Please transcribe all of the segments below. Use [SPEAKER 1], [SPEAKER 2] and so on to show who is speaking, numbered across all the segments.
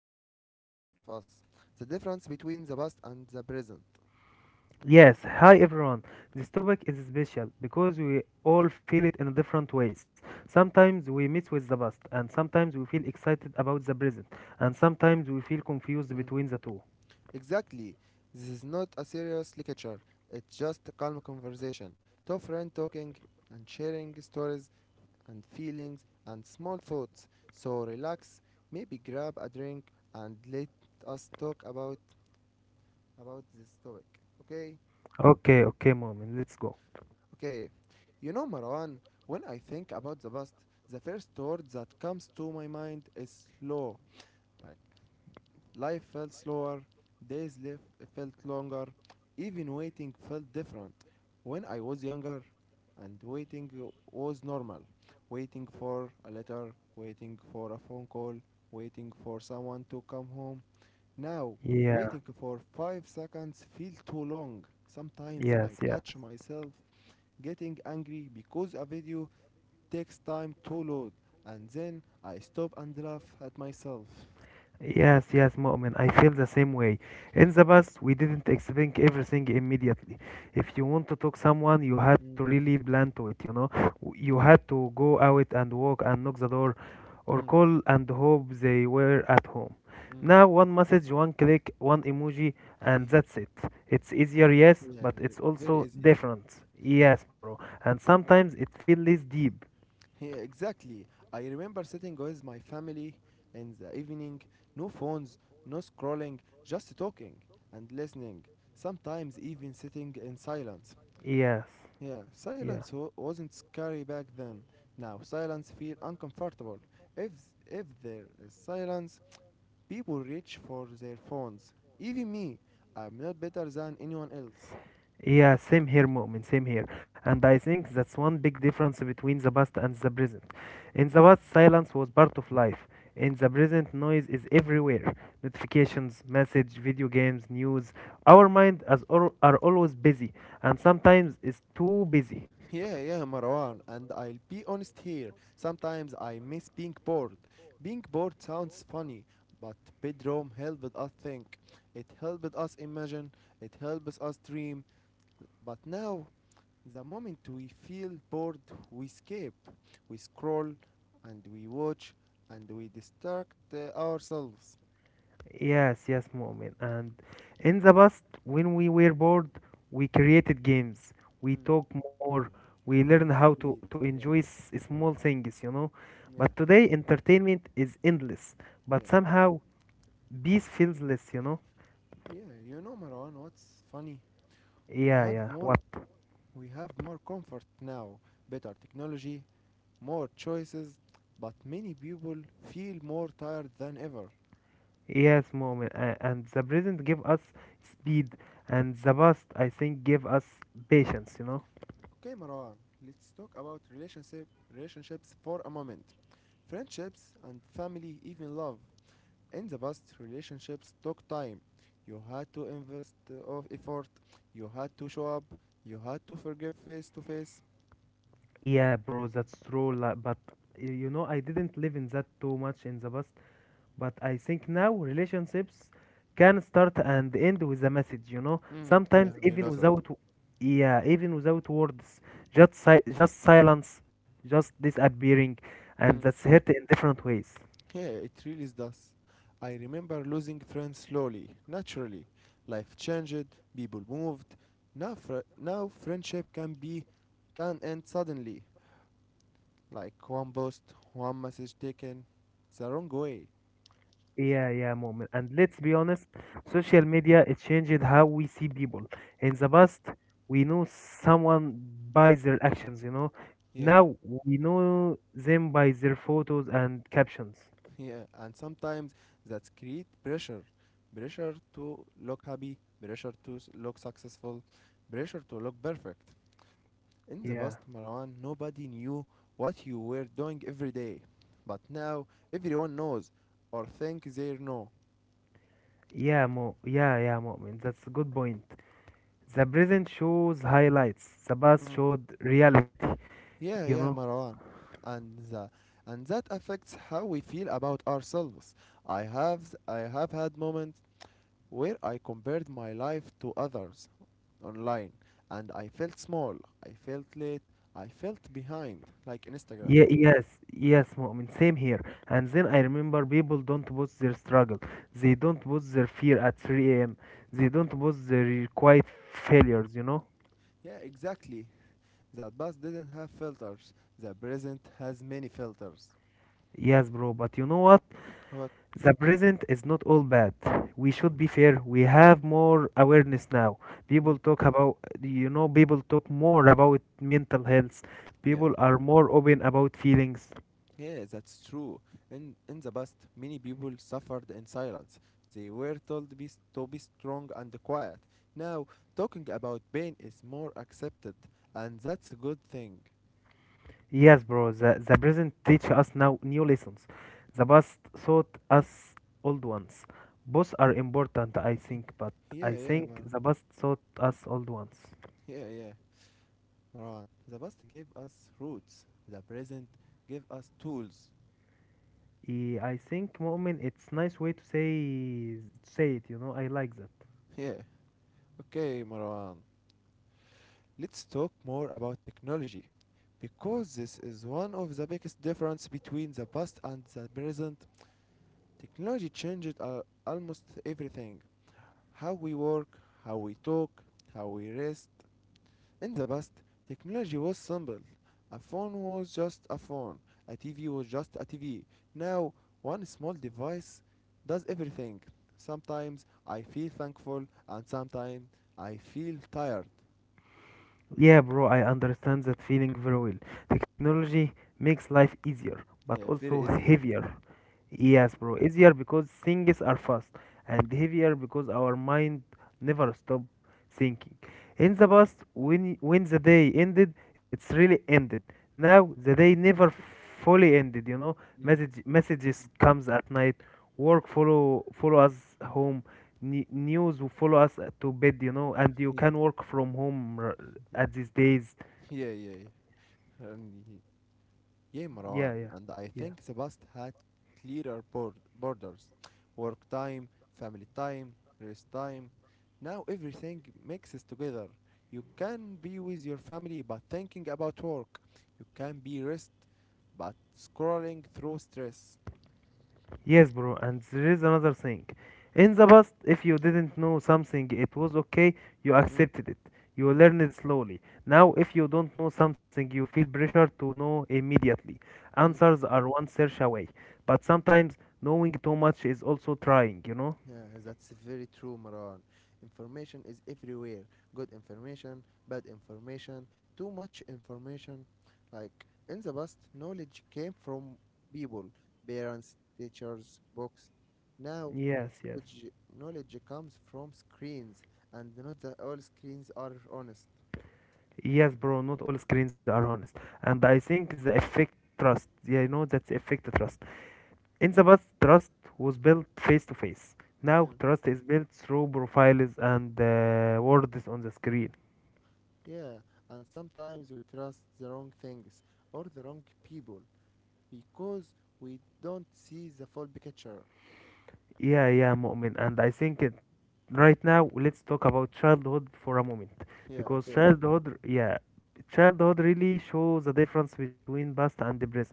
[SPEAKER 1] close to all of us: the difference between the past and the present.
[SPEAKER 2] Yes, hi everyone. This topic is special because we all feel it in different ways. Sometimes we meet with the past, and sometimes we feel excited about the present, and sometimes we feel confused
[SPEAKER 1] Mm.
[SPEAKER 2] between the two.
[SPEAKER 1] Exactly. This is not a serious lecture. It's just a calm conversation. Two friends talking and sharing stories and feelings and small thoughts. So relax, maybe grab a drink and let us talk about this topic. Okay?
[SPEAKER 2] Okay, okay, moment, let's go.
[SPEAKER 1] Okay, Marwan, when I think about the past, the first word that comes to my mind is slow. Like, life felt slower, days live felt longer, even waiting felt different. When I was younger, and waiting was normal. Waiting for a letter, waiting for a phone call, waiting for someone to come home. Now,
[SPEAKER 2] Yeah,
[SPEAKER 1] waiting for 5 seconds feels too long. Sometimes I
[SPEAKER 2] yes, yes.
[SPEAKER 1] catch myself getting angry because a video takes time to load and then I stop and laugh at myself.
[SPEAKER 2] Yes, yes, Mu'min, I feel the same way. In the past, we didn't expect everything immediately. If you want to talk someone, you had to
[SPEAKER 1] Mm,
[SPEAKER 2] really plan to it, you know? You had to go out and walk and knock the door or
[SPEAKER 1] mm,
[SPEAKER 2] call and hope they were at home.
[SPEAKER 1] mm.
[SPEAKER 2] Now, one message, one click, one emoji, and that's it. It's easier, yes,
[SPEAKER 1] Yeah,
[SPEAKER 2] but it's
[SPEAKER 1] very
[SPEAKER 2] also
[SPEAKER 1] easy. Yeah.
[SPEAKER 2] different. Yes, bro. And sometimes it feels less deep.
[SPEAKER 1] Yeah, yeah, exactly. I remember sitting with my family in the evening, no phones, no scrolling, just talking and listening. Sometimes even sitting in silence.
[SPEAKER 2] Yes,
[SPEAKER 1] Yeah,
[SPEAKER 2] yeah.
[SPEAKER 1] silence wasn't scary back then. Now silence feel uncomfortable. If if there is silence, people reach for their phones. Even me, I'm not better than anyone else.
[SPEAKER 2] Yeah, same here, Mu'min, same here. And I think that's one big difference between the past and the present. In the past, silence was part of life. In the present, noise is everywhere. Notifications, message, video games, news. Our mind are always busy, and sometimes is too busy.
[SPEAKER 1] Yeah, yeah, Marwan, and I'll be honest here. Sometimes I miss being bored. Being bored sounds funny, but Bedroom helped us think. It helped us imagine. It helps us dream. But now, the moment we feel bored, we escape. We scroll and we watch and we distract ourselves.
[SPEAKER 2] Yes, yes, Mu'min. And in the past, when we were bored, we created games. We
[SPEAKER 1] Mm.
[SPEAKER 2] talk more. We
[SPEAKER 1] Yeah,
[SPEAKER 2] learn
[SPEAKER 1] in the
[SPEAKER 2] how to,
[SPEAKER 1] street.
[SPEAKER 2] to enjoy
[SPEAKER 1] Yeah,
[SPEAKER 2] small things, you know. But
[SPEAKER 1] yeah.
[SPEAKER 2] today, entertainment is endless. But
[SPEAKER 1] Yeah,
[SPEAKER 2] somehow, peace feels less, you know.
[SPEAKER 1] yeah, Marwan, what's funny? We
[SPEAKER 2] Yeah,
[SPEAKER 1] have
[SPEAKER 2] yeah.
[SPEAKER 1] more,
[SPEAKER 2] What?
[SPEAKER 1] we have more comfort now, better technology, more choices, but many people feel more tired than ever.
[SPEAKER 2] Yes, Mu'min. And the present give us speed. And the past, I think, give us patience, you know.
[SPEAKER 1] Okay, Marwan, let's talk about relationships for a moment. Friendships and family, even love. In the past, relationships took time. You had to invest of effort. You had to show up. You had to forgive face to face.
[SPEAKER 2] Yeah, bro, that's true. Like, but, you know, I didn't live in that too much in the past. But I think now relationships can start and end with a message, you know.
[SPEAKER 1] Mm, yeah,
[SPEAKER 2] Sometimes
[SPEAKER 1] I
[SPEAKER 2] even
[SPEAKER 1] know that.
[SPEAKER 2] without, yeah, even without words, just silence, just disappearing, and
[SPEAKER 1] Mm.
[SPEAKER 2] that's hurt in different ways.
[SPEAKER 1] Yeah, it really does. I remember losing friends slowly, naturally. Life changed, people moved. Now, now friendship can end suddenly, like one post, one message taken, the wrong way.
[SPEAKER 2] Yeah, yeah, moment. And let's be honest, social media it changed how we see people. In the past, we know someone by their actions, you know.
[SPEAKER 1] Yeah,
[SPEAKER 2] Now we know them by their photos and captions.
[SPEAKER 1] yeah, and sometimes that create pressure, pressure to look happy, pressure to look successful, pressure to look perfect. In the
[SPEAKER 2] Yeah.
[SPEAKER 1] past, Marwan, nobody knew what you were doing every day. But now everyone knows or think they know.
[SPEAKER 2] Yeah, Mo. Yeah, yeah, Mu'min. That's a good point. The present shows highlights. The past
[SPEAKER 1] Mm.
[SPEAKER 2] showed reality. You
[SPEAKER 1] Yeah,
[SPEAKER 2] know.
[SPEAKER 1] yeah, Marwan. And the, and that affects how we feel about ourselves. I have had moments where I compared my life to others online and I felt small, I felt late, I felt behind like Instagram.
[SPEAKER 2] Yeah, yes, yes, Mu'min. Same here. And then I remember people don't post their struggle. They don't post their fear at 3 a.m. They don't post their quiet failures. You know.
[SPEAKER 1] Yeah, exactly. That past didn't have filters. The present has many filters.
[SPEAKER 2] Yes, bro. But you know what?
[SPEAKER 1] What?
[SPEAKER 2] The present is not all bad. We should be fair. We have more awareness now.
[SPEAKER 1] Mm.
[SPEAKER 2] People talk about, people talk more about mental health.
[SPEAKER 1] Yeah.
[SPEAKER 2] People are more open about feelings.
[SPEAKER 1] Yeah, that's true. In the past, many people suffered in silence. They were told to be strong and quiet. Now, talking about pain is more accepted, and that's a good thing.
[SPEAKER 2] Yes, bro, the present teach us now new lessons. The past taught us old ones. Both are important, I think, but
[SPEAKER 1] Yeah,
[SPEAKER 2] I
[SPEAKER 1] yeah,
[SPEAKER 2] think the past taught us old ones.
[SPEAKER 1] Yeah, yeah, Maran. The past gave us roots. The present gave us tools.
[SPEAKER 2] I think, Mu'min, it's nice way to say it, you know, I like that.
[SPEAKER 1] Yeah. Okay, Maran. Let's talk more about technology, because this is one of the biggest difference between the past and the present. Technology changed almost everything how we work, how we talk, how we rest. In the past, technology was simple. A phone was just a phone, a TV was just a TV. Now, one small device does everything. Sometimes I feel thankful, and sometimes I feel tired.
[SPEAKER 2] Yeah, bro, I understand that feeling very well. Technology makes life easier, but
[SPEAKER 1] Yeah,
[SPEAKER 2] also
[SPEAKER 1] very easier.
[SPEAKER 2] heavier.
[SPEAKER 1] Hmm.
[SPEAKER 2] Yes, bro. Easier because things are fast and heavier because our mind never stop thinking. In the past, when the day ended, it's really ended. Now the day never fully ended. You know,
[SPEAKER 1] Mm.
[SPEAKER 2] messages comes at night. Work follow us home. News will follow us to bed. You know, and you
[SPEAKER 1] Ye-
[SPEAKER 2] can work from home at these days.
[SPEAKER 1] Yeah, yeah, yeah. Yeah,
[SPEAKER 2] Yeah,
[SPEAKER 1] Marwan,
[SPEAKER 2] yeah,
[SPEAKER 1] and I
[SPEAKER 2] yeah.
[SPEAKER 1] think the past had clearer borders, work time, family time, rest time. Now everything mixes together. You can be with your family but thinking about work. You can be rest but scrolling through stress.
[SPEAKER 2] Yes, bro, and there is another thing. In the past, if you didn't know something, it was okay, you
[SPEAKER 1] Mm,
[SPEAKER 2] accepted it. You
[SPEAKER 1] mm,
[SPEAKER 2] learned it slowly. Now, if you don't know something, you feel pressure to know immediately.
[SPEAKER 1] mm.
[SPEAKER 2] Answers are one search away. But sometimes, knowing too much is also trying, you know?
[SPEAKER 1] Yeah, that's very true, Maran. Information is everywhere. Good information, bad information, too much information. Like in the past, knowledge came from people, parents, teachers, books. Now,
[SPEAKER 2] Yes, yes.
[SPEAKER 1] knowledge, knowledge comes from screens, and not all screens are honest.
[SPEAKER 2] Yes, bro, not all screens are honest. And I think the effect trust, yeah, that's effect trust. In the past, trust was built face to face. Now,
[SPEAKER 1] Yeah.
[SPEAKER 2] trust is built through profiles and words on the screen.
[SPEAKER 1] Yeah, and sometimes we trust the wrong things or the wrong people because we don't see the full picture.
[SPEAKER 2] Yeah, yeah, Mu'min. And I think it, right now, let's talk about childhood for a moment.
[SPEAKER 1] Yeah,
[SPEAKER 2] Because
[SPEAKER 1] okay.
[SPEAKER 2] childhood, yeah, childhood really shows the difference between past and the present.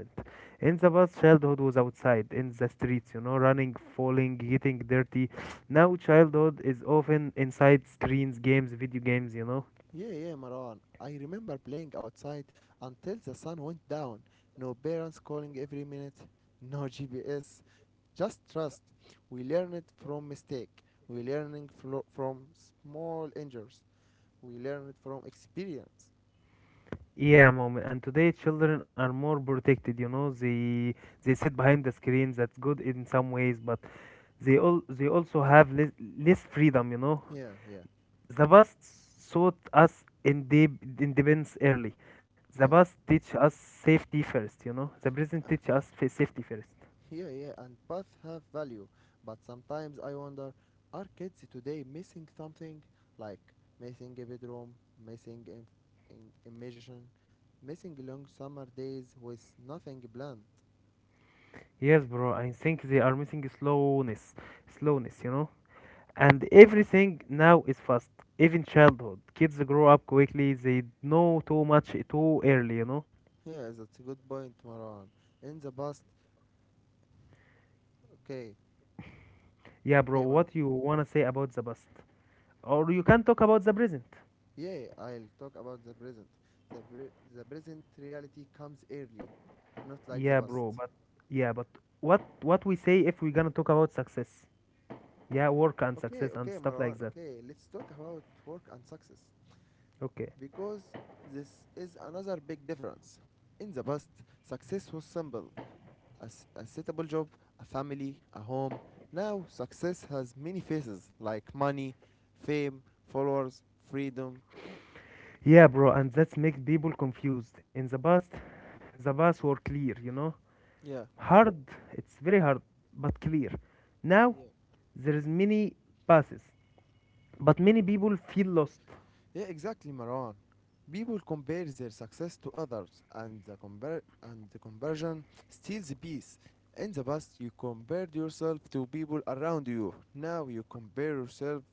[SPEAKER 2] In the past, childhood was outside, in the streets, you know, running, falling, getting dirty. Now, childhood is often inside screens, games, video games, you know.
[SPEAKER 1] Yeah, yeah, Marwan. I remember playing outside until the sun went down. No parents calling every minute, no GPS, just trust. We learn it from mistake. We learning from small injuries. We learn it from experience.
[SPEAKER 2] Yeah, mom. And today children are more protected, you know. They sit behind the screens. That's good in some ways, but they also have less freedom, you know.
[SPEAKER 1] Yeah, yeah,
[SPEAKER 2] The past taught us independence early. The
[SPEAKER 1] yeah,
[SPEAKER 2] past teach us safety first, you know. The present teach us
[SPEAKER 1] yeah.
[SPEAKER 2] safety first.
[SPEAKER 1] Yeah, yeah, and both have value, but sometimes I wonder are kids today missing something? Like missing a bedroom, missing in immersion, missing long summer days with nothing planned.
[SPEAKER 2] Yes, bro. I think they are missing slowness, you know. And everything now is fast. Even childhood, kids grow up quickly. They know too much too early, you know.
[SPEAKER 1] Yeah, that's a good point, Marwan. In the past. Okay,
[SPEAKER 2] Yeah, bro,
[SPEAKER 1] okay, Marwan.
[SPEAKER 2] what you wanna say about the past, or you can talk about the present?
[SPEAKER 1] Yeah, I'll talk about the present. The present reality comes early, not like
[SPEAKER 2] Yeah,
[SPEAKER 1] the
[SPEAKER 2] bro,
[SPEAKER 1] past.
[SPEAKER 2] but, yeah, but what we say if we're gonna talk about success? Yeah, work and
[SPEAKER 1] Okay,
[SPEAKER 2] success and
[SPEAKER 1] okay,
[SPEAKER 2] stuff
[SPEAKER 1] Marwan,
[SPEAKER 2] like that.
[SPEAKER 1] okay, let's talk about work and success.
[SPEAKER 2] Okay.
[SPEAKER 1] Because this is another big difference. In the past, success was simple, a suitable job, a family, a home. Now, success has many faces like money, fame, followers, freedom.
[SPEAKER 2] Yeah, bro, and that's make people confused. In the past, the past were clear, you know.
[SPEAKER 1] Yeah,
[SPEAKER 2] Hard, it's very hard, but clear. Now
[SPEAKER 1] yeah.
[SPEAKER 2] there is many passes. But many people feel lost.
[SPEAKER 1] Yeah, exactly, Marwan. People compare their success to others, and and the conversion steals the peace. In the past, you compared yourself to people around you. Now, you compare yourself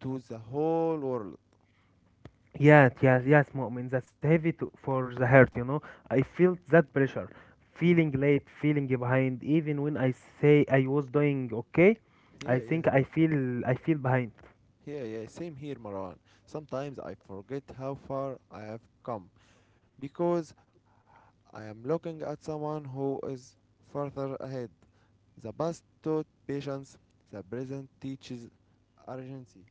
[SPEAKER 1] to the whole world.
[SPEAKER 2] Yes, yes, yes, Mu'min. That's heavy for the heart, you know. I felt that pressure, feeling
[SPEAKER 1] Mm.
[SPEAKER 2] late, feeling behind. Even when I say I was doing okay,
[SPEAKER 1] Yeah,
[SPEAKER 2] I
[SPEAKER 1] yeah,
[SPEAKER 2] think I feel behind.
[SPEAKER 1] yeah, yeah. Same here, Marwan. Sometimes I forget how far I have come because I am looking at someone who is further ahead. The past taught patience, the present teaches urgency.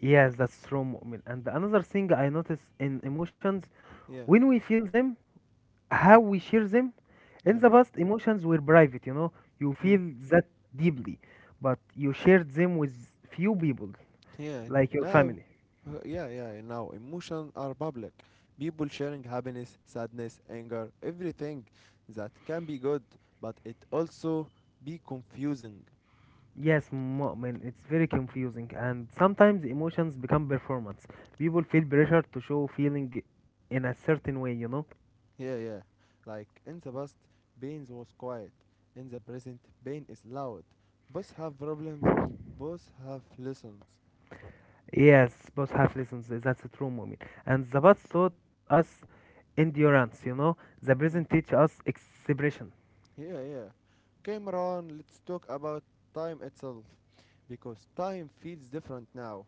[SPEAKER 2] Yes, that's true, Mu'min. And another thing I notice in emotions,
[SPEAKER 1] Yeah,
[SPEAKER 2] when we feel them, how we share them.
[SPEAKER 1] yeah,
[SPEAKER 2] In the past, emotions were private, you know. You
[SPEAKER 1] mm,
[SPEAKER 2] feel that deeply, but you shared them with few people,
[SPEAKER 1] yeah. And
[SPEAKER 2] like your
[SPEAKER 1] now,
[SPEAKER 2] family.
[SPEAKER 1] yeah, yeah, and now emotions are public. People sharing happiness, sadness, anger, everything that can be good, but it also be confusing.
[SPEAKER 2] Yes, Mu'min, it's very confusing, and sometimes emotions become performance. People feel pressure to show feeling in a certain way, you know?
[SPEAKER 1] Yeah, yeah. Like in the past, pain was quiet. In the present, pain is loud. Both have problems. Both have lessons.
[SPEAKER 2] Yes, both have lessons, that's a true, Mu'min. And the past taught us endurance, you know? The present
[SPEAKER 1] Mm.
[SPEAKER 2] teach us expression.
[SPEAKER 1] Yeah, yeah. Cameron, let's talk about time itself. Because time feels different now.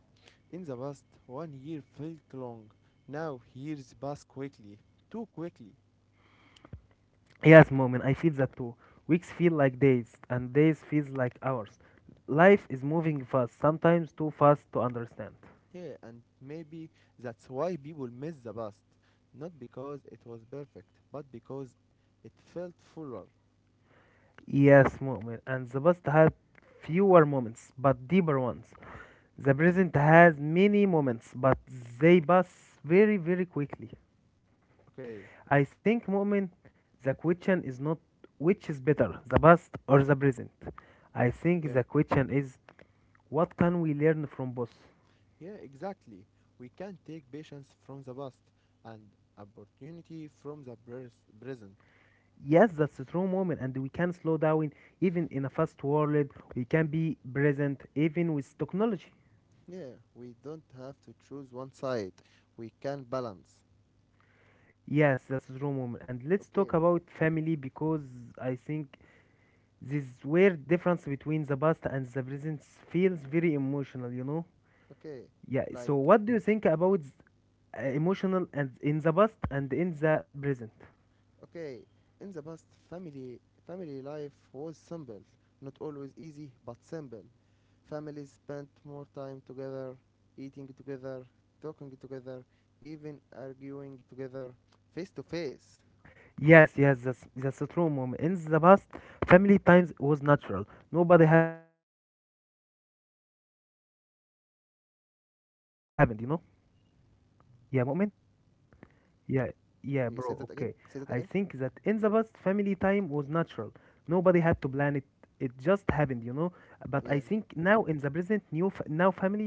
[SPEAKER 1] In the past, one year felt long. Now, years pass quickly. Too quickly.
[SPEAKER 2] Yes, Mu'min, I feel that too. Weeks feel like days, and days feels like hours. Life is moving fast, sometimes too fast to understand.
[SPEAKER 1] Yeah, and maybe that's why people miss the past. Not because it was perfect, but because it felt fuller.
[SPEAKER 2] Yes, Mu'min. And the past had fewer moments, but deeper ones. The present has many moments, but they pass very, very quickly.
[SPEAKER 1] Okay,
[SPEAKER 2] I think, Mu'min, the question is not which is better, the past or the present. I think
[SPEAKER 1] yeah,
[SPEAKER 2] the question is, what can we learn from both?
[SPEAKER 1] yeah, exactly. We can take patience from the past and opportunity from the present.
[SPEAKER 2] Yes, that's a true moment, and we can slow down even in a fast world. We can be present even with technology.
[SPEAKER 1] Yeah, we don't have to choose one side. We can balance.
[SPEAKER 2] Yes, that's a true moment. And let's talk
[SPEAKER 1] Okay,
[SPEAKER 2] about family because I think this weird difference between the past and the present feels very emotional, you know?
[SPEAKER 1] okay,
[SPEAKER 2] Yeah,
[SPEAKER 1] like
[SPEAKER 2] so what do you think about emotional and in the past and in the present?
[SPEAKER 1] okay. In the past, family life was simple, not always easy, but simple. Families spent more time together, eating together, talking together, even arguing together, face to face.
[SPEAKER 2] Yes, yes, that's a true moment. In the past, family times was natural. Nobody had to plan it. It just happened, you know? Yeah, moment.
[SPEAKER 1] Say that again.
[SPEAKER 2] Yeah,
[SPEAKER 1] Say that again.
[SPEAKER 2] yeah, bro. Okay. I think that in the past, family time was natural. Nobody had to plan it. It just happened, you know. But I
[SPEAKER 1] Yeah,
[SPEAKER 2] think
[SPEAKER 1] yeah.
[SPEAKER 2] now in the present, now family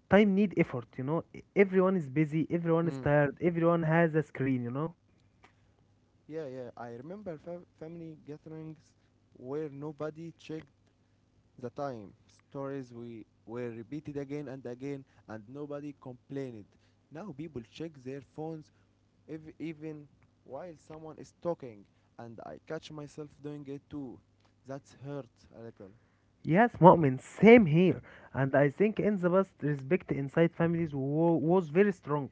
[SPEAKER 2] time need effort, you know. Everyone is busy, everyone is
[SPEAKER 1] Mm.
[SPEAKER 2] tired, everyone has a screen, you know.
[SPEAKER 1] Yeah, yeah. I remember family gatherings where nobody checked the time. Stories we were repeated again and again, and nobody complained. Now people check their phones ev even while someone is talking, and I catch myself doing it too. That's hurt a little.
[SPEAKER 2] Yes, Mu'min, same here. And I think in the past, respect inside families was very strong.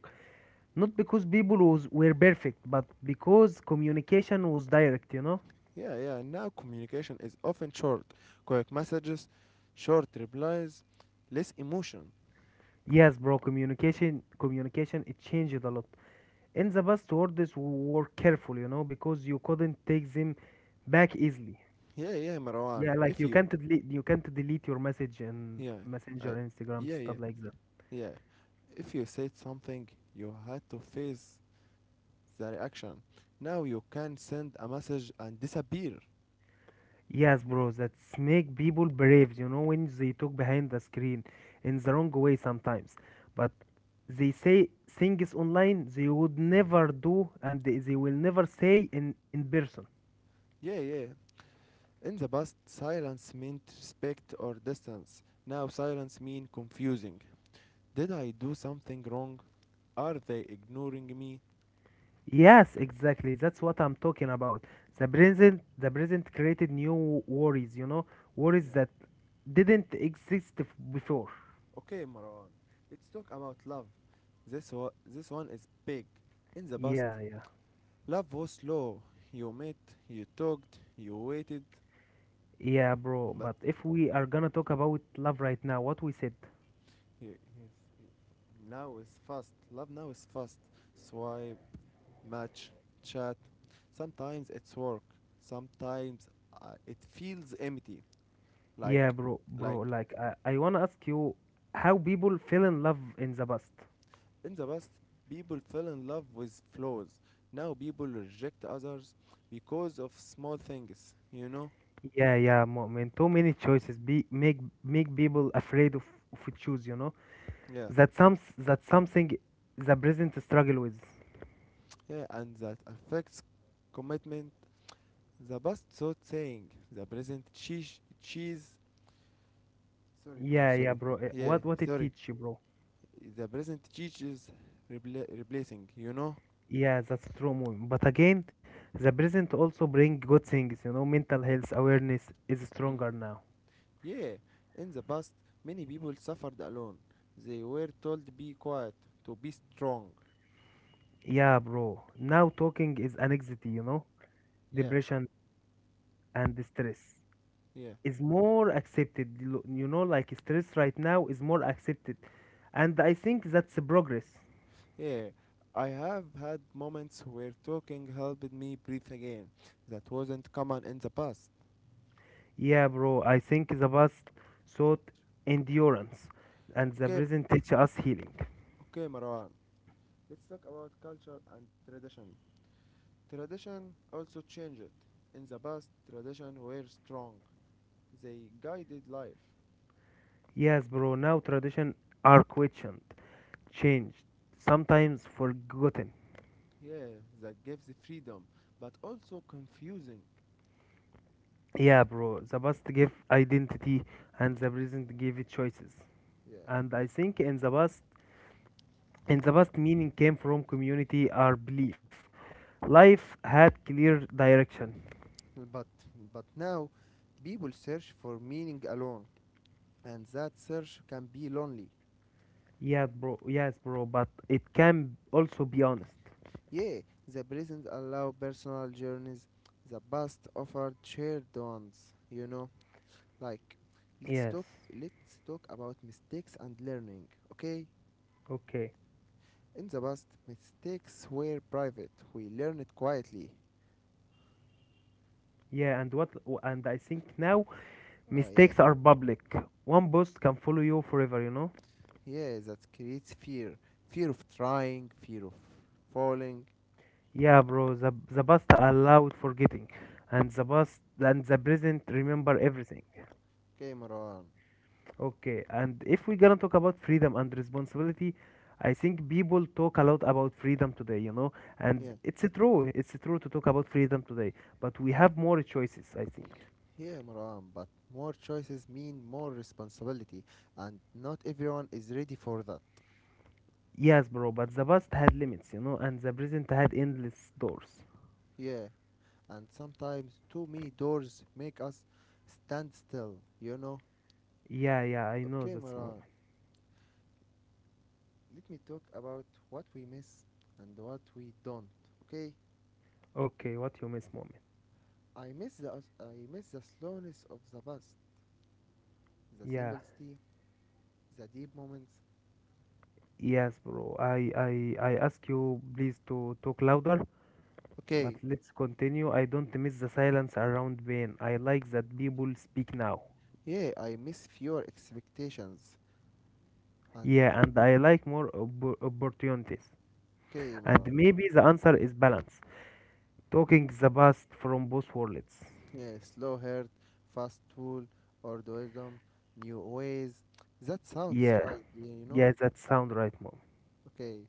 [SPEAKER 2] Not because people were perfect, but because communication was direct, you know.
[SPEAKER 1] Yeah, yeah. Now communication is often short, quick messages, short replies, less emotion.
[SPEAKER 2] Yes, bro. Communication, it changed a lot. In the past, words were careful, you know, because you couldn't take them back easily.
[SPEAKER 1] Yeah, yeah, Marwan.
[SPEAKER 2] Yeah, like
[SPEAKER 1] If
[SPEAKER 2] you
[SPEAKER 1] you,
[SPEAKER 2] can't delete, you can't delete your message in
[SPEAKER 1] yeah,
[SPEAKER 2] Messenger,
[SPEAKER 1] I,
[SPEAKER 2] Instagram,
[SPEAKER 1] yeah,
[SPEAKER 2] stuff
[SPEAKER 1] yeah,
[SPEAKER 2] like that.
[SPEAKER 1] yeah. If you said something, you had to face the reaction. Now you can send a message and disappear.
[SPEAKER 2] Yes, bro. That's make people brave, you know, when they talk behind the screen in the wrong way sometimes. But they say things online they would never do, and they will never say in person.
[SPEAKER 1] Yeah, yeah. In the past, silence meant respect or distance. Now silence means confusing. Did I do something wrong? Are they ignoring me?
[SPEAKER 2] Yes, exactly. That's what I'm talking about. The present, created new worries, you know, worries
[SPEAKER 1] Yeah.
[SPEAKER 2] that didn't exist before.
[SPEAKER 1] Okay, Marwan. Let's talk about love. This one is big. In the past,
[SPEAKER 2] Yeah, yeah.
[SPEAKER 1] love was slow. You met, you talked, you waited,
[SPEAKER 2] Yeah, bro.
[SPEAKER 1] but
[SPEAKER 2] But if we are gonna talk about love right now, what we said.
[SPEAKER 1] now it's fast. Love now is fast. Swipe, match, chat. Sometimes it's work. Sometimes it feels empty.
[SPEAKER 2] Yeah,
[SPEAKER 1] Like,
[SPEAKER 2] bro, bro.
[SPEAKER 1] like,
[SPEAKER 2] Like, I wanna ask you how people fell in love in the past.
[SPEAKER 1] in the past, people fell in love with flaws. Now people reject others because of small things. You know?
[SPEAKER 2] Yeah, yeah, man. Too many choices be make make people afraid of choose, you know.
[SPEAKER 1] Yeah,
[SPEAKER 2] That's something the present struggle with.
[SPEAKER 1] yeah, and that affects commitment. The best thought saying, the present cheese, sorry bro,
[SPEAKER 2] Yeah, yeah,
[SPEAKER 1] sorry,
[SPEAKER 2] bro. Eh,
[SPEAKER 1] yeah,
[SPEAKER 2] What what it
[SPEAKER 1] sorry,
[SPEAKER 2] teach you, bro?
[SPEAKER 1] the present cheese is replacing, you know?
[SPEAKER 2] Yeah, that's true, Mumin. But again, the present also bring good things, you know. Mental health awareness is
[SPEAKER 1] Mm.
[SPEAKER 2] stronger now.
[SPEAKER 1] Yeah, in the past, many people suffered alone. They were told to be quiet, to be strong.
[SPEAKER 2] Yeah, bro. Now talking is anxiety, you know,
[SPEAKER 1] Yeah,
[SPEAKER 2] depression and stress
[SPEAKER 1] yeah,
[SPEAKER 2] is more accepted. You you know, like stress right now is more accepted, and I think that's a progress.
[SPEAKER 1] yeah. I have had moments where talking helped me breathe again. That wasn't common in the past.
[SPEAKER 2] Yeah, bro. I think the past sought endurance, and the
[SPEAKER 1] Okay,
[SPEAKER 2] present teach us healing.
[SPEAKER 1] okay, Marwan. Let's talk about culture and tradition. Tradition also changed. In the past, tradition were strong. They guided life.
[SPEAKER 2] Yes, bro. Now tradition are questioned, changed, sometimes forgotten.
[SPEAKER 1] Yeah, that gives freedom, but also confusing.
[SPEAKER 2] Yeah, bro. The past gave identity, and the present gave it choices.
[SPEAKER 1] Yeah.
[SPEAKER 2] And I think in the past, meaning came from community or belief. Life had clear direction.
[SPEAKER 1] But but now people search for meaning alone and that search can be lonely.
[SPEAKER 2] Yeah, bro. Yes, bro. But it can also be honest.
[SPEAKER 1] Yeah, the present allow personal journeys, the past offered shared ones. Like let's
[SPEAKER 2] Yes.
[SPEAKER 1] talk let's talk about mistakes and learning, okay?
[SPEAKER 2] Okay.
[SPEAKER 1] In the past, mistakes were private. We learned quietly.
[SPEAKER 2] Yeah, and what? And I think now
[SPEAKER 1] Ah, yeah.
[SPEAKER 2] mistakes are public. One post can follow you forever. You know.
[SPEAKER 1] Yeah, that creates fear. Fear of trying, fear of falling.
[SPEAKER 2] Yeah, bro, the past allowed forgetting, and the past and the present remember everything.
[SPEAKER 1] Okay, Marwan.
[SPEAKER 2] Okay, and if we're gonna talk about freedom and responsibility, I think people talk a lot about freedom today, you know, and
[SPEAKER 1] Yeah.
[SPEAKER 2] it's true to talk about freedom today, but we have more choices, I think.
[SPEAKER 1] Yeah, Marwan. But more choices mean more responsibility, and not everyone is ready for that.
[SPEAKER 2] Yes, bro, but the past had limits, you know, and the present had endless doors.
[SPEAKER 1] Yeah. And sometimes too many doors make us stand still, you know?
[SPEAKER 2] Yeah, yeah, I know
[SPEAKER 1] Okay,
[SPEAKER 2] that's moment.
[SPEAKER 1] Marwan. Let me talk about what we miss and what we don't, okay?
[SPEAKER 2] Okay, what you miss moment?
[SPEAKER 1] I miss the I miss the slowness of the past, the
[SPEAKER 2] Yeah.
[SPEAKER 1] simplicity, the deep moments.
[SPEAKER 2] Yes, bro. I ask you please to talk louder. But
[SPEAKER 1] Okay,
[SPEAKER 2] let's continue. I don't miss the silence around pain. I like that people speak now.
[SPEAKER 1] yeah, I miss fewer expectations. And
[SPEAKER 2] Yeah, and I like more opportunities.
[SPEAKER 1] okay, Maron,
[SPEAKER 2] And maybe the answer is balance. Talking the best from both worlds.
[SPEAKER 1] yeah, slow heart, fast tool, or the wisdom, new ways. That sounds
[SPEAKER 2] Yeah,
[SPEAKER 1] right, yeah, you know.
[SPEAKER 2] yeah, that sound right, mom.
[SPEAKER 1] Okay,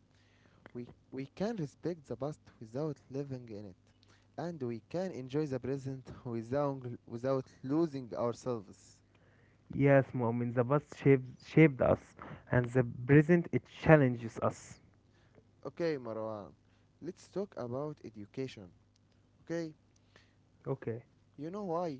[SPEAKER 1] we can respect the past without living in it, and we can enjoy the present without losing ourselves.
[SPEAKER 2] Yes, mom. In the past shaped us, and the present it challenges us.
[SPEAKER 1] Okay, Marwan, let's talk about education. Okay,
[SPEAKER 2] Okay.
[SPEAKER 1] you know why?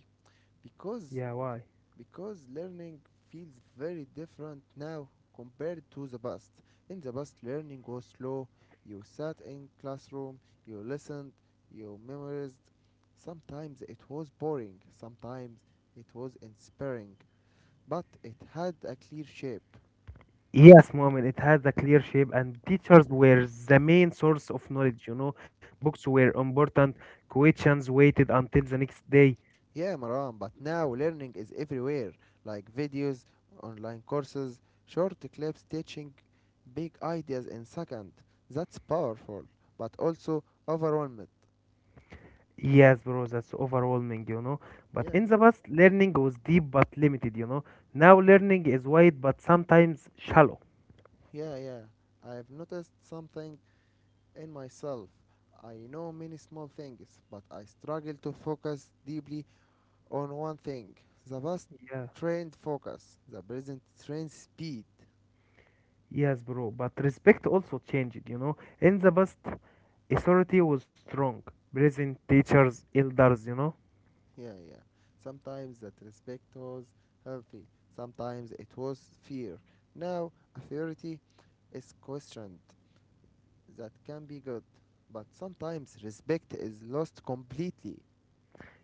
[SPEAKER 1] Because
[SPEAKER 2] Yeah. Why?
[SPEAKER 1] because learning feels very different now compared to the past. In the past, learning was slow. You sat in classroom, you listened, you memorized. Sometimes it was boring, sometimes it was inspiring, but it had a clear shape.
[SPEAKER 2] Yes, Muhammad, it has a clear shape, and teachers were the main source of knowledge. You know, books were important, questions waited until the next day.
[SPEAKER 1] Yeah, Maran, but now learning is everywhere, like videos, online courses, short clips teaching big ideas in second. That's powerful, but also overwhelmed.
[SPEAKER 2] Yes, bro, that's overwhelming, you know. But
[SPEAKER 1] Yeah,
[SPEAKER 2] in the past, learning was deep but limited, you know. Now, learning is wide but sometimes shallow.
[SPEAKER 1] yeah. I have noticed something in myself. I know many small things, but I struggle to focus deeply on one thing. The past
[SPEAKER 2] Yeah,
[SPEAKER 1] trained focus, the present trained speed.
[SPEAKER 2] yes, bro. But respect also changed, you know. In the past, authority was strong, present teachers, elders, you know.
[SPEAKER 1] Yeah, yeah. Sometimes that respect was healthy, sometimes it was fear. Now, authority is questioned. That can be good, but sometimes respect is lost completely.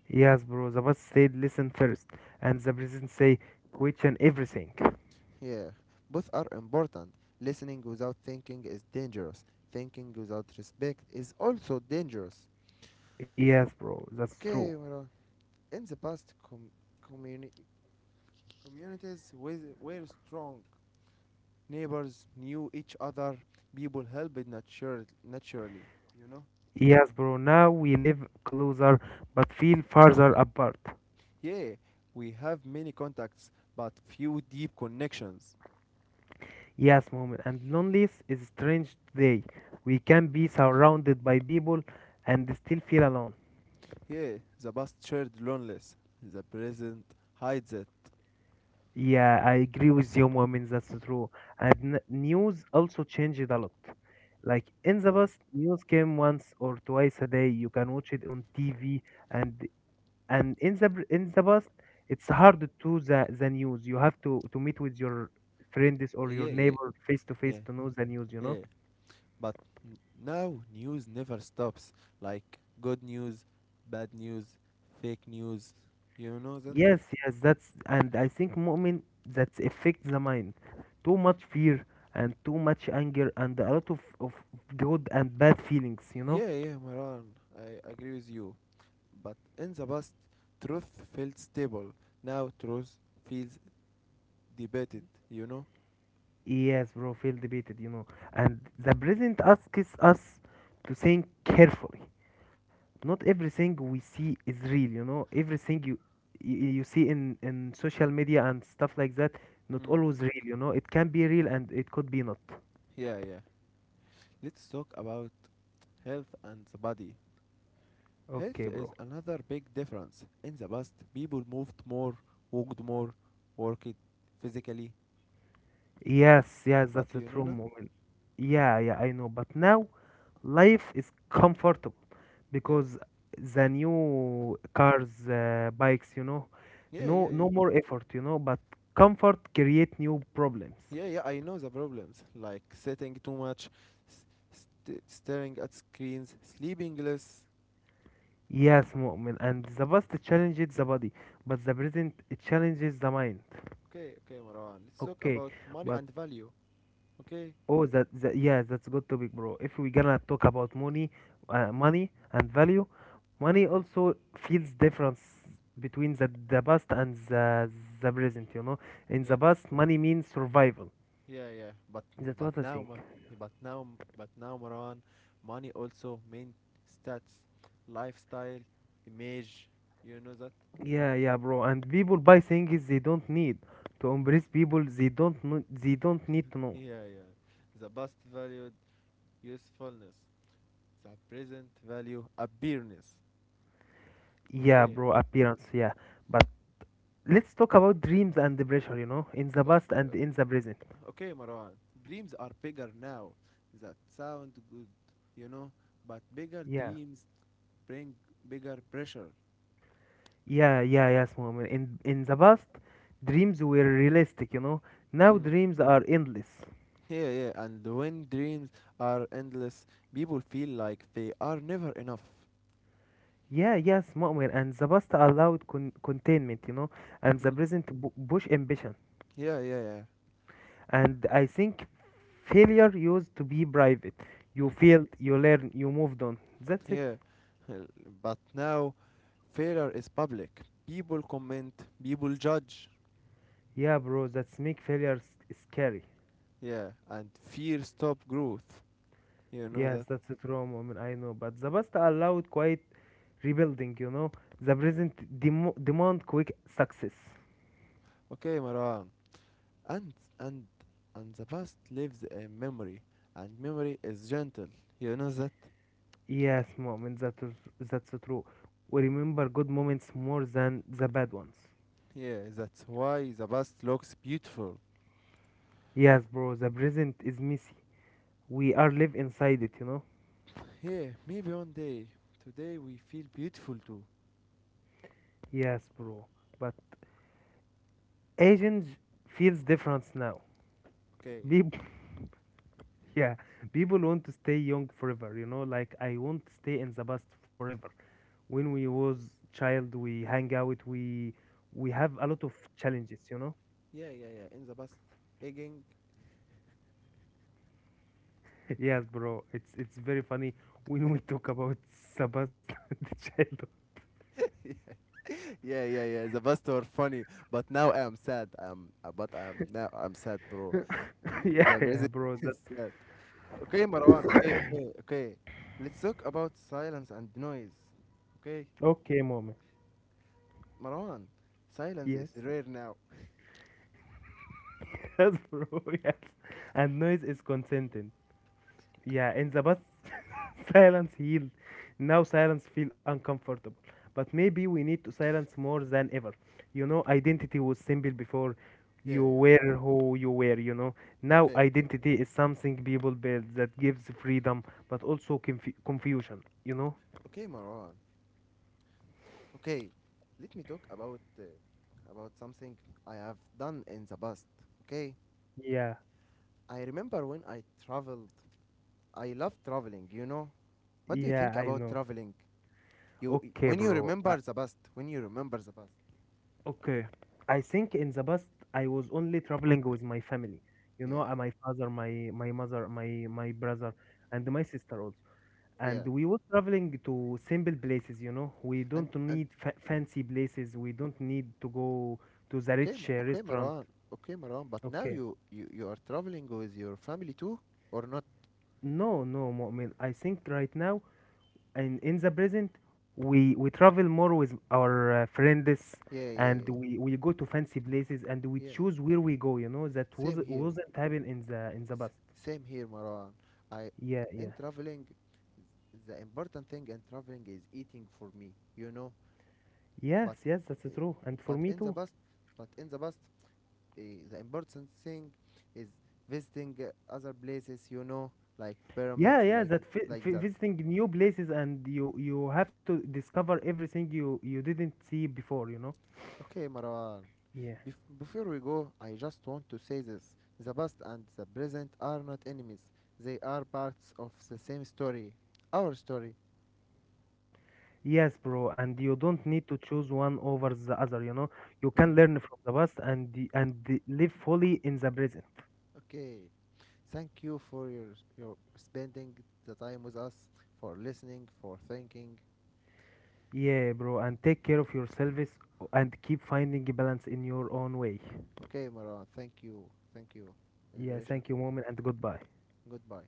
[SPEAKER 2] Yes, bro. The boss said listen first, and the president say question everything.
[SPEAKER 1] Yeah, both are important. Listening without thinking is dangerous, thinking without respect is also dangerous.
[SPEAKER 2] Yes, bro. That's true.
[SPEAKER 1] Okay, Mara. In the past, communi- communities were strong, neighbors knew each other, people helped naturally, you know.
[SPEAKER 2] Yes, bro. Now we live closer, but feel farther apart.
[SPEAKER 1] Yeah, we have many contacts but few deep connections.
[SPEAKER 2] Yes, moment. And loneliness is strange day. We can be surrounded by people and still feel alone.
[SPEAKER 1] Yeah, the past shared loneliness, the present hides it.
[SPEAKER 2] Yeah, I agree with you, moment. That's true. And news also changed a lot. Like in the
[SPEAKER 1] Like,
[SPEAKER 2] past, news came once or twice a day. You can watch it on TV and and in the in the past it's hard to the news, you have to meet with your friends or your
[SPEAKER 1] yeah yeah
[SPEAKER 2] neighbor face to
[SPEAKER 1] yeah
[SPEAKER 2] face to know the news, you know.
[SPEAKER 1] yeah but n- now news never stops, like good news, bad news, fake news, you know that.
[SPEAKER 2] Yes, yes, that's, and I think, Mu'min, that affects the mind. Too much fear and too much anger and a lot of good and bad feelings, you know.
[SPEAKER 1] Yeah, Maran, I agree with you. But in the past, truth felt stable. Now truth feels debated, you know?
[SPEAKER 2] Yes, bro, feel debated, you know, and the present asks us to think carefully. Not everything we see is real, you know. Everything you you see in social media and stuff like that, not
[SPEAKER 1] Mm.
[SPEAKER 2] always real, you know. It can be real and it could be not.
[SPEAKER 1] Yeah, yeah. Let's talk about health and the body. Health
[SPEAKER 2] Okay, bro.
[SPEAKER 1] is another big difference. In the past, people moved more, walked more, worked physically.
[SPEAKER 2] Yes, yes,
[SPEAKER 1] But
[SPEAKER 2] that's a
[SPEAKER 1] you know,
[SPEAKER 2] true
[SPEAKER 1] na?
[SPEAKER 2] moment. Yeah, yeah, I know, but now life is comfortable
[SPEAKER 1] Yeah.
[SPEAKER 2] because the new cars, bikes, you know,
[SPEAKER 1] Yeah, yeah,
[SPEAKER 2] no
[SPEAKER 1] yeah.
[SPEAKER 2] no more effort, you know. But comfort create new problems.
[SPEAKER 1] Yeah, I know the problems. Like sitting too much, s- staring at screens, sleeping less.
[SPEAKER 2] Yes, Mu'min, and the past challenges the body, but the present challenges the mind.
[SPEAKER 1] Okay, Marwan. Let's talk
[SPEAKER 2] Okay,
[SPEAKER 1] about money
[SPEAKER 2] but
[SPEAKER 1] and value. Okay?
[SPEAKER 2] oh, that, that yeah, that's good topic, bro. If we gonna talk about money, money and value, money
[SPEAKER 1] Okay.
[SPEAKER 2] also feels difference between the past and the present. You know, in
[SPEAKER 1] Yeah.
[SPEAKER 2] the past, money means survival.
[SPEAKER 1] Yeah.
[SPEAKER 2] That's
[SPEAKER 1] But
[SPEAKER 2] what I
[SPEAKER 1] now,
[SPEAKER 2] think.
[SPEAKER 1] Mar- but now, but now, Maran, money also mean stats, lifestyle, image. You know that?
[SPEAKER 2] Yeah, yeah, bro. And people buy things they don't need to embrace people they don't know, they don't need to know.
[SPEAKER 1] Yeah. The best valued usefulness. The present value appearance.
[SPEAKER 2] Yeah,
[SPEAKER 1] Okay.
[SPEAKER 2] bro, appearance, yeah. But let's talk about dreams and the pressure, you know, in the
[SPEAKER 1] Okay,
[SPEAKER 2] past and in the
[SPEAKER 1] uh,
[SPEAKER 2] present.
[SPEAKER 1] okay, Marwan. Dreams are bigger now. That sound good, you know, but bigger
[SPEAKER 2] Yeah,
[SPEAKER 1] dreams bring bigger pressure.
[SPEAKER 2] yeah, yeah, yes, Muhammad. In the past dreams were realistic, you know. Now dreams are endless.
[SPEAKER 1] Yeah, yeah, and when dreams are endless, people feel like they are never enough.
[SPEAKER 2] Yeah, yes, Mu'min. And the past allowed containment, you know, and the
[SPEAKER 1] Mm.
[SPEAKER 2] present push ambition.
[SPEAKER 1] Yeah.
[SPEAKER 2] And I think failure used to be private. You
[SPEAKER 1] Mm.
[SPEAKER 2] failed, you learn, you moved on, that's it.
[SPEAKER 1] Yeah. Well, But now, failure is public. People comment, people judge.
[SPEAKER 2] Yeah, bro, that's make failure scary.
[SPEAKER 1] Yeah, and fear stop growth. You know
[SPEAKER 2] Yes,
[SPEAKER 1] that?
[SPEAKER 2] that's it, Rome. I mean, I know, but the past allowed quiet rebuilding, you know. The present demand quick success.
[SPEAKER 1] Okay, Marwan. And and and the past lives a memory, and memory is gentle. You know that?
[SPEAKER 2] Yes, moment, that's true. We remember good moments more than the bad ones.
[SPEAKER 1] Yeah, that's why the past looks beautiful.
[SPEAKER 2] Yes, bro, the present is messy. We are live inside it, you know.
[SPEAKER 1] Yeah, maybe one day. Today we feel beautiful too.
[SPEAKER 2] Yes, bro, but aging feels different now.
[SPEAKER 1] Okay.
[SPEAKER 2] People, yeah, people want to stay young forever, you know. Like I want to stay in the past forever. When we was child, we hang out, we have a lot of challenges, you know.
[SPEAKER 1] Yeah. In the past, egging.
[SPEAKER 2] Yes, bro, it's very funny when we talk about Sebastian, the childhood.
[SPEAKER 1] Yeah. The past were funny, but now I'm sad. I'm, but I'm now I'm sad, bro.
[SPEAKER 2] Yeah,
[SPEAKER 1] The
[SPEAKER 2] yeah,
[SPEAKER 1] present
[SPEAKER 2] bro, that.
[SPEAKER 1] is sad. Okay, Marwan. Okay. Let's talk about silence and noise. Okay,
[SPEAKER 2] Okay, mom.
[SPEAKER 1] Marwan. Silence
[SPEAKER 2] Yes.
[SPEAKER 1] is rare now.
[SPEAKER 2] Yes, bro. Yes, and noise is consenting. Yeah, in the past, silence healed. Now silence feel uncomfortable. But maybe we need to silence more than ever. You know, identity was simple before.
[SPEAKER 1] Yeah,
[SPEAKER 2] You
[SPEAKER 1] yeah.
[SPEAKER 2] were who you were, you know. Now
[SPEAKER 1] Okay, okay,
[SPEAKER 2] identity is something people build that gives freedom, but also confusion, you know.
[SPEAKER 1] okay, Marwan. Okay, let me talk about something I have done in the past. Okay,
[SPEAKER 2] Yeah,
[SPEAKER 1] I remember when I traveled. I love traveling. You know, what do you
[SPEAKER 2] yeah,
[SPEAKER 1] think
[SPEAKER 2] I
[SPEAKER 1] about
[SPEAKER 2] know.
[SPEAKER 1] traveling? You
[SPEAKER 2] Okay,
[SPEAKER 1] when you
[SPEAKER 2] bro. I,
[SPEAKER 1] remember the past, when you remember the past.
[SPEAKER 2] okay. I think in the past I was only traveling with my family. You know,
[SPEAKER 1] Yeah,
[SPEAKER 2] my father, my mother, my brother, and my sister also. And
[SPEAKER 1] yeah.
[SPEAKER 2] we were traveling to simple places. You know, we don't
[SPEAKER 1] And
[SPEAKER 2] need fa fancy places. We don't need to go to the rich
[SPEAKER 1] Okay,
[SPEAKER 2] restaurant.
[SPEAKER 1] Marwan. Okay, Marwan. But now
[SPEAKER 2] Okay.
[SPEAKER 1] you are traveling with your family too, or not?
[SPEAKER 2] No, no, Mu'min. I think right now and in the present we travel more with our friends,
[SPEAKER 1] Yeah, yeah,
[SPEAKER 2] and
[SPEAKER 1] yeah,
[SPEAKER 2] we go to fancy places and we
[SPEAKER 1] yeah.
[SPEAKER 2] choose where we go, you know. That was
[SPEAKER 1] Same here.
[SPEAKER 2] wasn't happen in the past.
[SPEAKER 1] Same here, Maran. I
[SPEAKER 2] Yeah, yeah,
[SPEAKER 1] in traveling, the important thing in traveling is eating for me, you know.
[SPEAKER 2] yes,
[SPEAKER 1] But
[SPEAKER 2] yes, that's
[SPEAKER 1] uh,
[SPEAKER 2] true, and for
[SPEAKER 1] but
[SPEAKER 2] me
[SPEAKER 1] in the
[SPEAKER 2] too.
[SPEAKER 1] past, but in the past, uh, the important thing is visiting other places, you know, like
[SPEAKER 2] Yeah,
[SPEAKER 1] pyramids,
[SPEAKER 2] yeah, that
[SPEAKER 1] like that.
[SPEAKER 2] visiting new places, and you have to discover everything you you didn't see before, you know.
[SPEAKER 1] Okay, Marwan.
[SPEAKER 2] Yeah,
[SPEAKER 1] Before we go, I just want to say this: the past and the present are not enemies; they are parts of the same story, our story.
[SPEAKER 2] yes, bro, and you don't need to choose one over the other, you know. You can
[SPEAKER 1] Mm.
[SPEAKER 2] learn from the past and live fully in the present.
[SPEAKER 1] Okay. Thank you for your spending the time with us, for listening, for thinking.
[SPEAKER 2] Yeah, bro, and take care of yourselves and keep finding balance in your own way.
[SPEAKER 1] Okay, Maran. Thank you.
[SPEAKER 2] Yeah,
[SPEAKER 1] Liberation.
[SPEAKER 2] thank you, moment, and goodbye.
[SPEAKER 1] Goodbye.